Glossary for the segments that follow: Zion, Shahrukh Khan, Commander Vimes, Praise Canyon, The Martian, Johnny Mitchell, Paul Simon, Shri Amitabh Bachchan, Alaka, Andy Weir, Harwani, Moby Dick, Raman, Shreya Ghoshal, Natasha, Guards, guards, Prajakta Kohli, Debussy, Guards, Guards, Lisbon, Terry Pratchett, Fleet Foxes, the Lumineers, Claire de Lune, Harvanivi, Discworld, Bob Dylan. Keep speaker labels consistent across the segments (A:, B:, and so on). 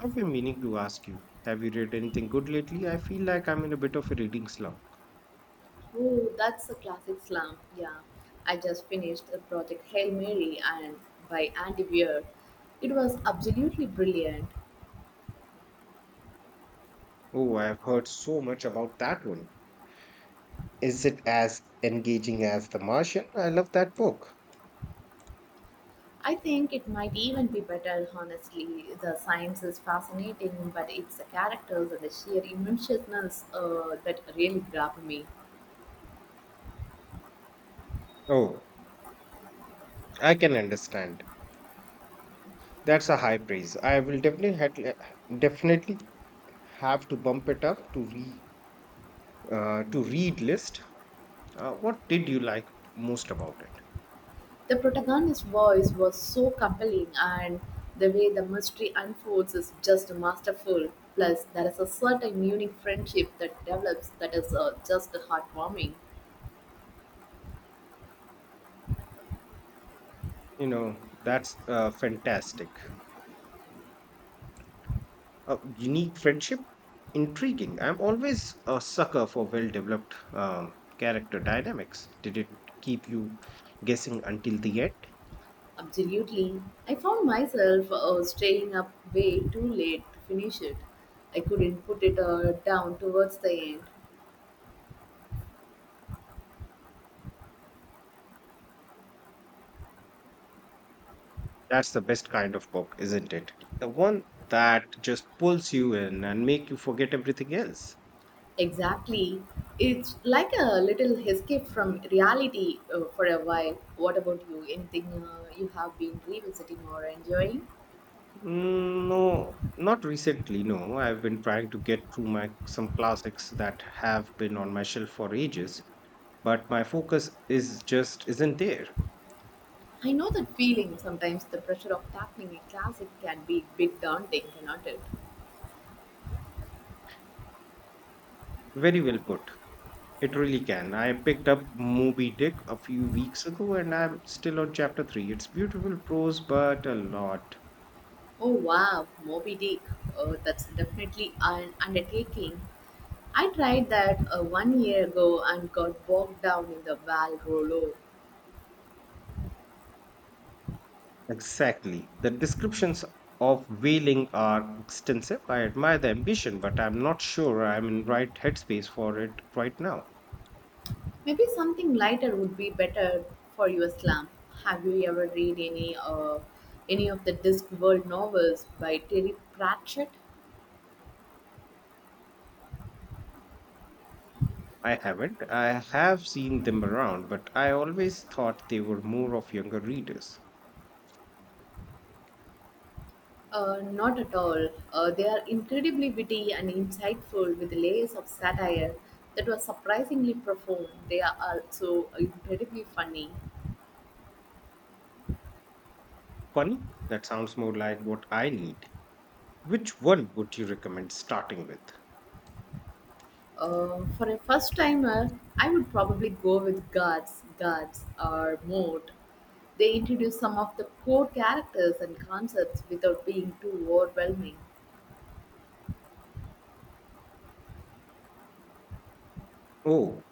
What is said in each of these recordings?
A: I've been meaning to ask you, have you read anything good lately? I feel like I'm in a bit of a reading slump.
B: Oh, that's a classic slam. Yeah, I just finished the project Hail Mary and by Andy Weir. It was absolutely brilliant.
A: Oh, I've heard so much about that one. Is it as engaging as The Martian? I love that book.
B: I think it might even be better, honestly. The science is fascinating, but it's the characters and the sheer emotionalness that really grabbed me.
A: Oh, I can understand. That's a high praise. I will definitely have to bump it up to re to read list. What did you like most about it?
B: The protagonist's voice was so compelling, and the way the mystery unfolds is just masterful. Plus, there is a certain unique friendship that develops that is just heartwarming.
A: You know, that's fantastic. Unique friendship? Intriguing. I'm always a sucker for well developed character dynamics. Did it keep you guessing until the end?
B: Absolutely. I found myself staying up way too late to finish it. I couldn't put it down towards the end.
A: That's the best kind of book, isn't it? The one that just pulls you in and make you forget everything else.
B: Exactly. It's like a little escape from reality for a while. What about you? Anything you have been revisiting or enjoying?
A: Mm, no, not recently. No, I've been trying to get through my some classics that have been on my shelf for ages, but my focus is just isn't there.
B: I know that feeling. Sometimes the pressure of tackling a classic can be a bit daunting, cannot it?
A: Very well put. It really can. I picked up Moby Dick a few weeks ago, and I'm still on chapter three. It's beautiful prose, but a lot.
B: Oh wow, Moby Dick. Oh, that's definitely an undertaking. I tried that 1 year ago and got bogged down in the Val Rollo.
A: Exactly. The descriptions of whaling are extensive. I admire the ambition, but I'm not sure I'm in right headspace for it right now.
B: Maybe something lighter would be better for your slump. Have you ever read any of the Discworld novels by Terry Pratchett?
A: I haven't. I have seen them around, but I always thought they were more of younger readers.
B: Not at all. They are incredibly witty and insightful with layers of satire that was surprisingly profound. They are also incredibly funny.
A: Funny, that sounds more like what I need. Which one would you recommend starting with?
B: For a first timer, I would probably go with Guards, Guards, or Mode. They introduce some of the core characters and concepts without being too overwhelming.
A: Oh,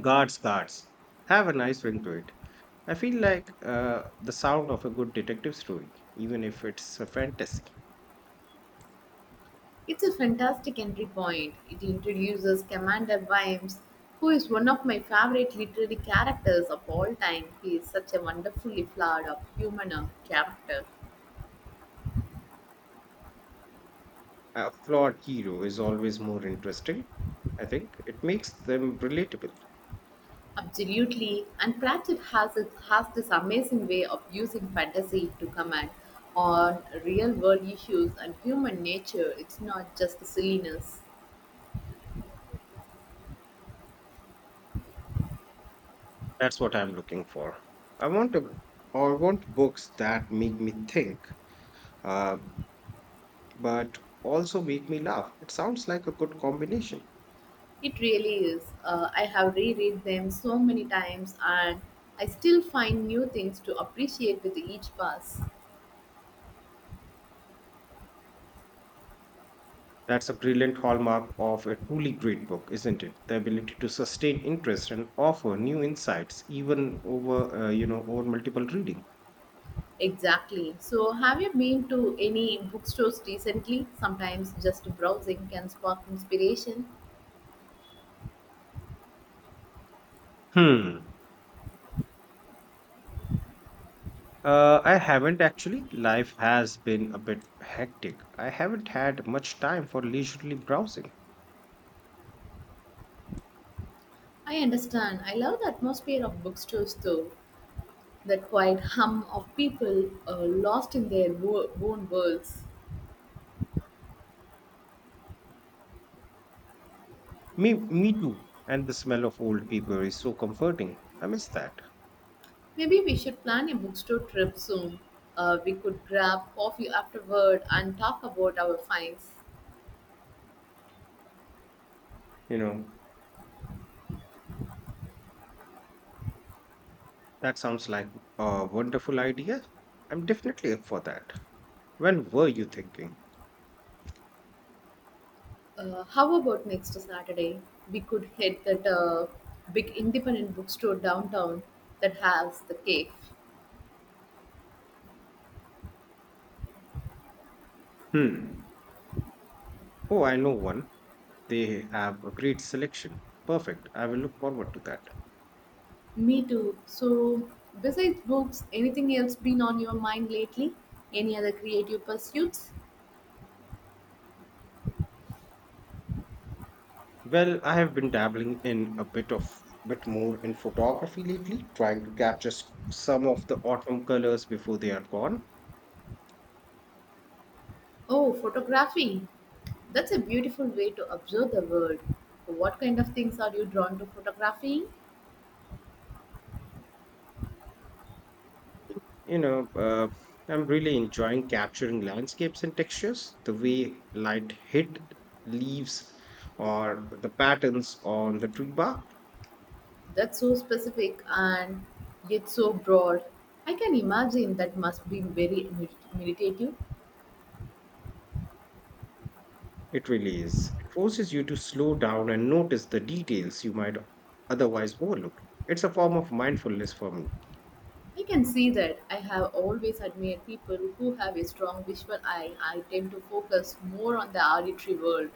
A: Guards, guards. Have a nice ring to it. I feel like the sound of a good detective story, even if it's a fantasy.
B: It's a fantastic entry point. It introduces Commander Vimes, who is one of my favorite literary characters of all time. He is such a wonderfully flawed of human character.
A: A flawed hero is always more interesting. I think it makes them relatable.
B: Absolutely, and Pratchett has this amazing way of using fantasy to comment on real world issues and human nature. It's not just silliness.
A: That's what I'm looking for. I want a, or want books that make me think, uh, but also make me laugh. It sounds like a good combination.
B: It really is. I have reread them so many times, and I still find new things to appreciate with each pass.
A: That's a brilliant hallmark of a truly great book, isn't it? The ability to sustain interest and offer new insights, even over, over multiple reading.
B: Exactly. So, have you been to any bookstores recently? Sometimes just browsing can spark inspiration.
A: Hmm. I haven't actually. Life has been a bit hectic. I haven't had much time for leisurely browsing.
B: I understand. I love the atmosphere of bookstores, though. The quiet hum of people lost in their own worlds.
A: Me too. And the smell of old paper is so comforting. I miss that.
B: Maybe we should plan a bookstore trip soon. We could grab coffee afterward and talk about our finds.
A: You know, that sounds like a wonderful idea. I'm definitely up for that. When were you thinking?
B: How about next Saturday? We could hit that big independent bookstore downtown that has the cave.
A: Hmm. Oh, I know one. They have a great selection. Perfect. I will look forward to that.
B: Me too. So, besides books, anything else been on your mind lately? Any other creative pursuits?
A: Well, I have been dabbling in a bit of bit more in photography lately, trying to capture some of the autumn colors before they are gone.
B: Oh, photography. That's a beautiful way to observe the world. What kind of things are you drawn to photography?
A: You know, uh, I'm really enjoying capturing landscapes and textures, the way light hit leaves or the patterns on the tree bark.
B: That's so specific and yet so broad. I can imagine that must be very meditative.
A: It really is. It forces you to slow down and notice the details you might otherwise overlook. It's a form of mindfulness for me.
B: I can see that. I have always admired people who have a strong visual eye. I tend to focus more on the auditory world.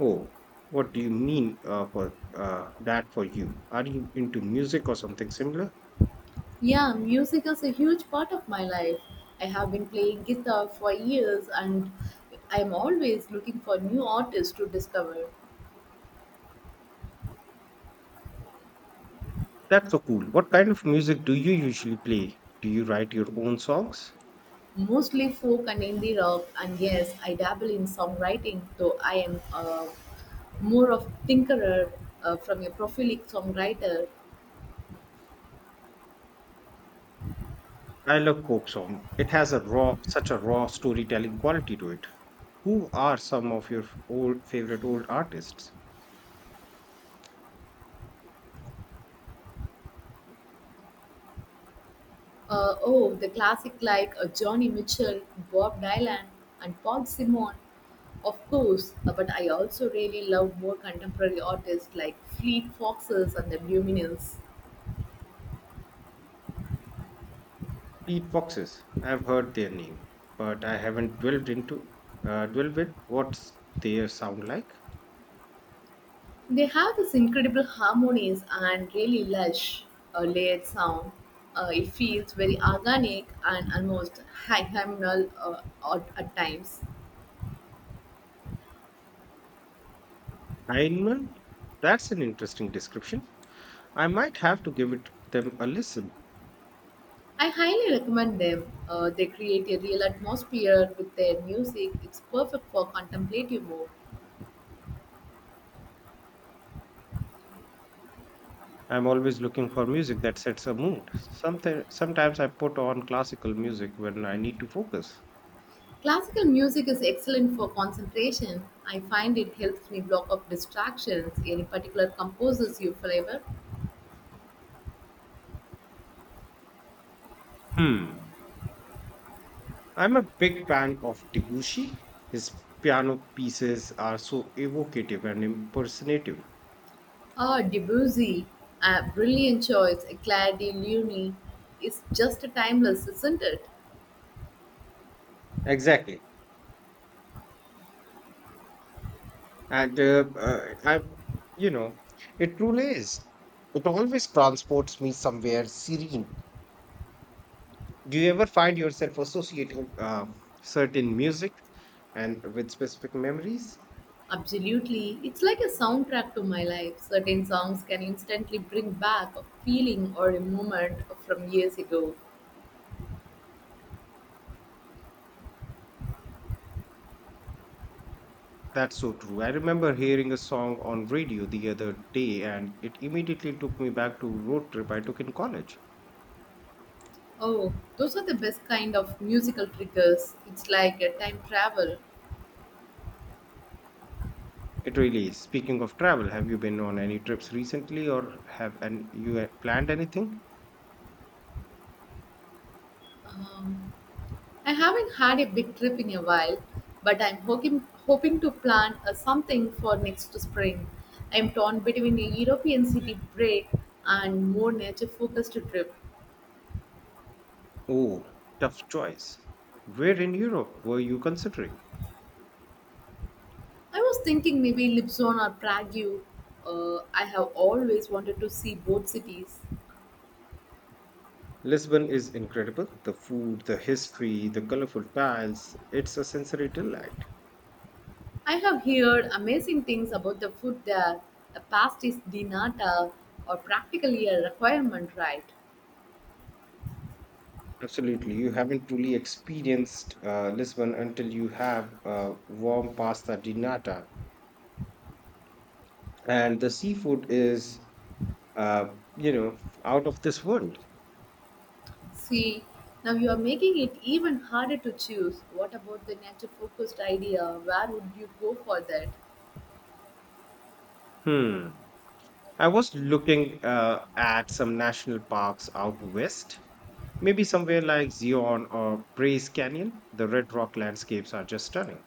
A: Oh, what do you mean for that for you? Are you into music or something similar?
B: Yeah, music is a huge part of my life. I have been playing guitar for years and I'm always looking for new artists to discover.
A: That's so cool. What kind of music do you usually play? Do you write your own songs?
B: Mostly folk and indie rock, and yes, I dabble in songwriting, though I am more of thinker from a prolific songwriter.
A: I love folk song. It has a raw, such a raw storytelling quality to it. Who are some of your old favorite old artists?
B: Oh, the classic like Johnny Mitchell, Bob Dylan, and Paul Simon, of course. But I also really love more contemporary artists like Fleet Foxes and the Lumineers.
A: Peat foxes. I've heard their name, but I haven't delved with what's their sound like.
B: They have this incredible harmonies and really lush layered sound. It feels very organic and almost hymnal at times.
A: Hindman. That's an interesting description. I might have to give it them a listen.
B: I highly recommend them. They create a real atmosphere with their music. It's perfect for contemplative mode.
A: I'm always looking for music that sets a mood. Something sometimes I put on classical music when I need to focus.
B: Classical music is excellent for concentration. I find it helps me block off distractions. Any particular composers you favor?
A: Hmm. I'm a big fan of Debussy. His piano pieces are so evocative and impersonative.
B: Ah, Debussy, a brilliant choice. Claire de Lune is just timeless, isn't it?
A: Exactly. And I, you know, it truly is. It always transports me somewhere serene. Do you ever find yourself associating certain music and with specific memories?
B: Absolutely. It's like a soundtrack to my life. Certain songs can instantly bring back a feeling or a moment from years ago.
A: That's so true. I remember hearing a song on radio the other day, and it immediately took me back to road trip I took in college.
B: Oh, those are the best kind of musical triggers. It's like a time travel.
A: It really is. Speaking of travel, have you been on any trips recently, or have and you planned anything?
B: Um, I haven't had a big trip in a while, but I'm hoping to plan something for next spring. I'm torn between a European city break and more nature focused trip.
A: Oh, tough choice. Where in Europe were you considering?
B: I was thinking maybe Lipson or Prague. I have always wanted to see both cities.
A: Lisbon is incredible. The food, the history, the colorful tiles, it's a sensory delight.
B: I have heard amazing things about the food there. A pastis di nata or practically a requirement, right?
A: Absolutely. You haven't truly experienced Lisbon until you have warm pasta di nata. And the seafood is, uh, you know, out of this world.
B: See, now you are making it even harder to choose. What about the nature focused idea? Where would you go for that?
A: Hmm. I was looking at some national parks out west. Maybe somewhere like Zion or Praise Canyon, the red rock landscapes are just stunning.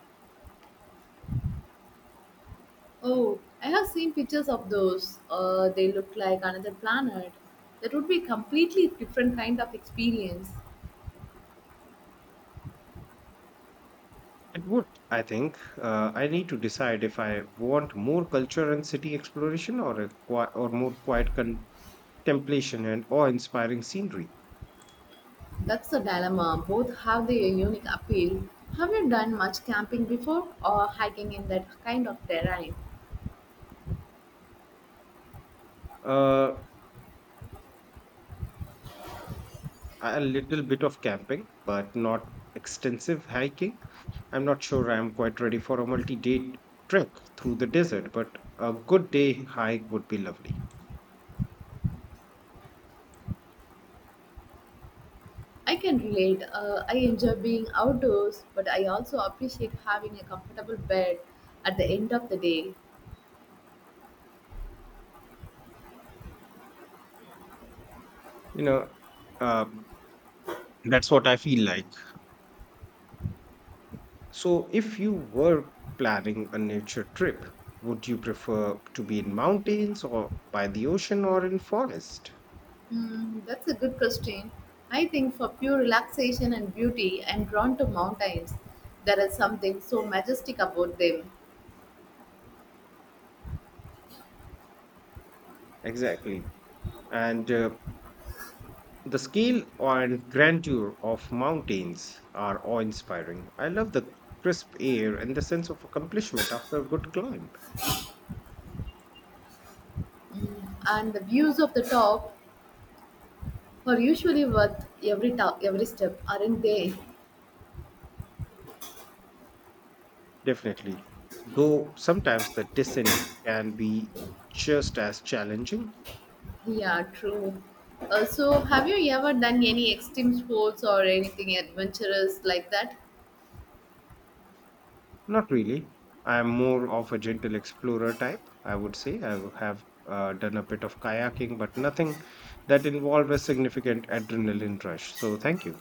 B: Oh, I have seen pictures of those. They look like another planet. That would be a completely different kind of experience.
A: It would, I think. I need to decide if I want more culture and city exploration or or more quiet contemplation and awe-inspiring scenery.
B: That's the dilemma. Both have their unique appeal. Have you done much camping before or hiking in that kind of terrain?
A: Uh, a little bit of camping, but not extensive hiking. I'm not sure I'm quite ready for a multi-day trek through the desert, but a good day hike would be lovely.
B: I can relate. I enjoy being outdoors, but I also appreciate having a comfortable bed at the end of the day.
A: You know, um, that's what I feel like. So, if you were planning a nature trip, would you prefer to be in mountains or by the ocean or in forest?
B: Mm, that's a good question. I think for pure relaxation and beauty, I'm drawn to mountains. There is something so majestic about them.
A: Exactly. And the scale and grandeur of mountains are awe inspiring. I love the crisp air and the sense of accomplishment after a good climb.
B: Mm, and the views of the top are usually worth every step, aren't they?
A: Definitely. Though sometimes the descent can be just as challenging.
B: Yeah, true. So, have you ever done any extreme sports or anything adventurous like that?
A: Not really. I am more of a gentle explorer type, I would say. I have done a bit of kayaking, but nothing that involved a significant adrenaline rush. So, thank you.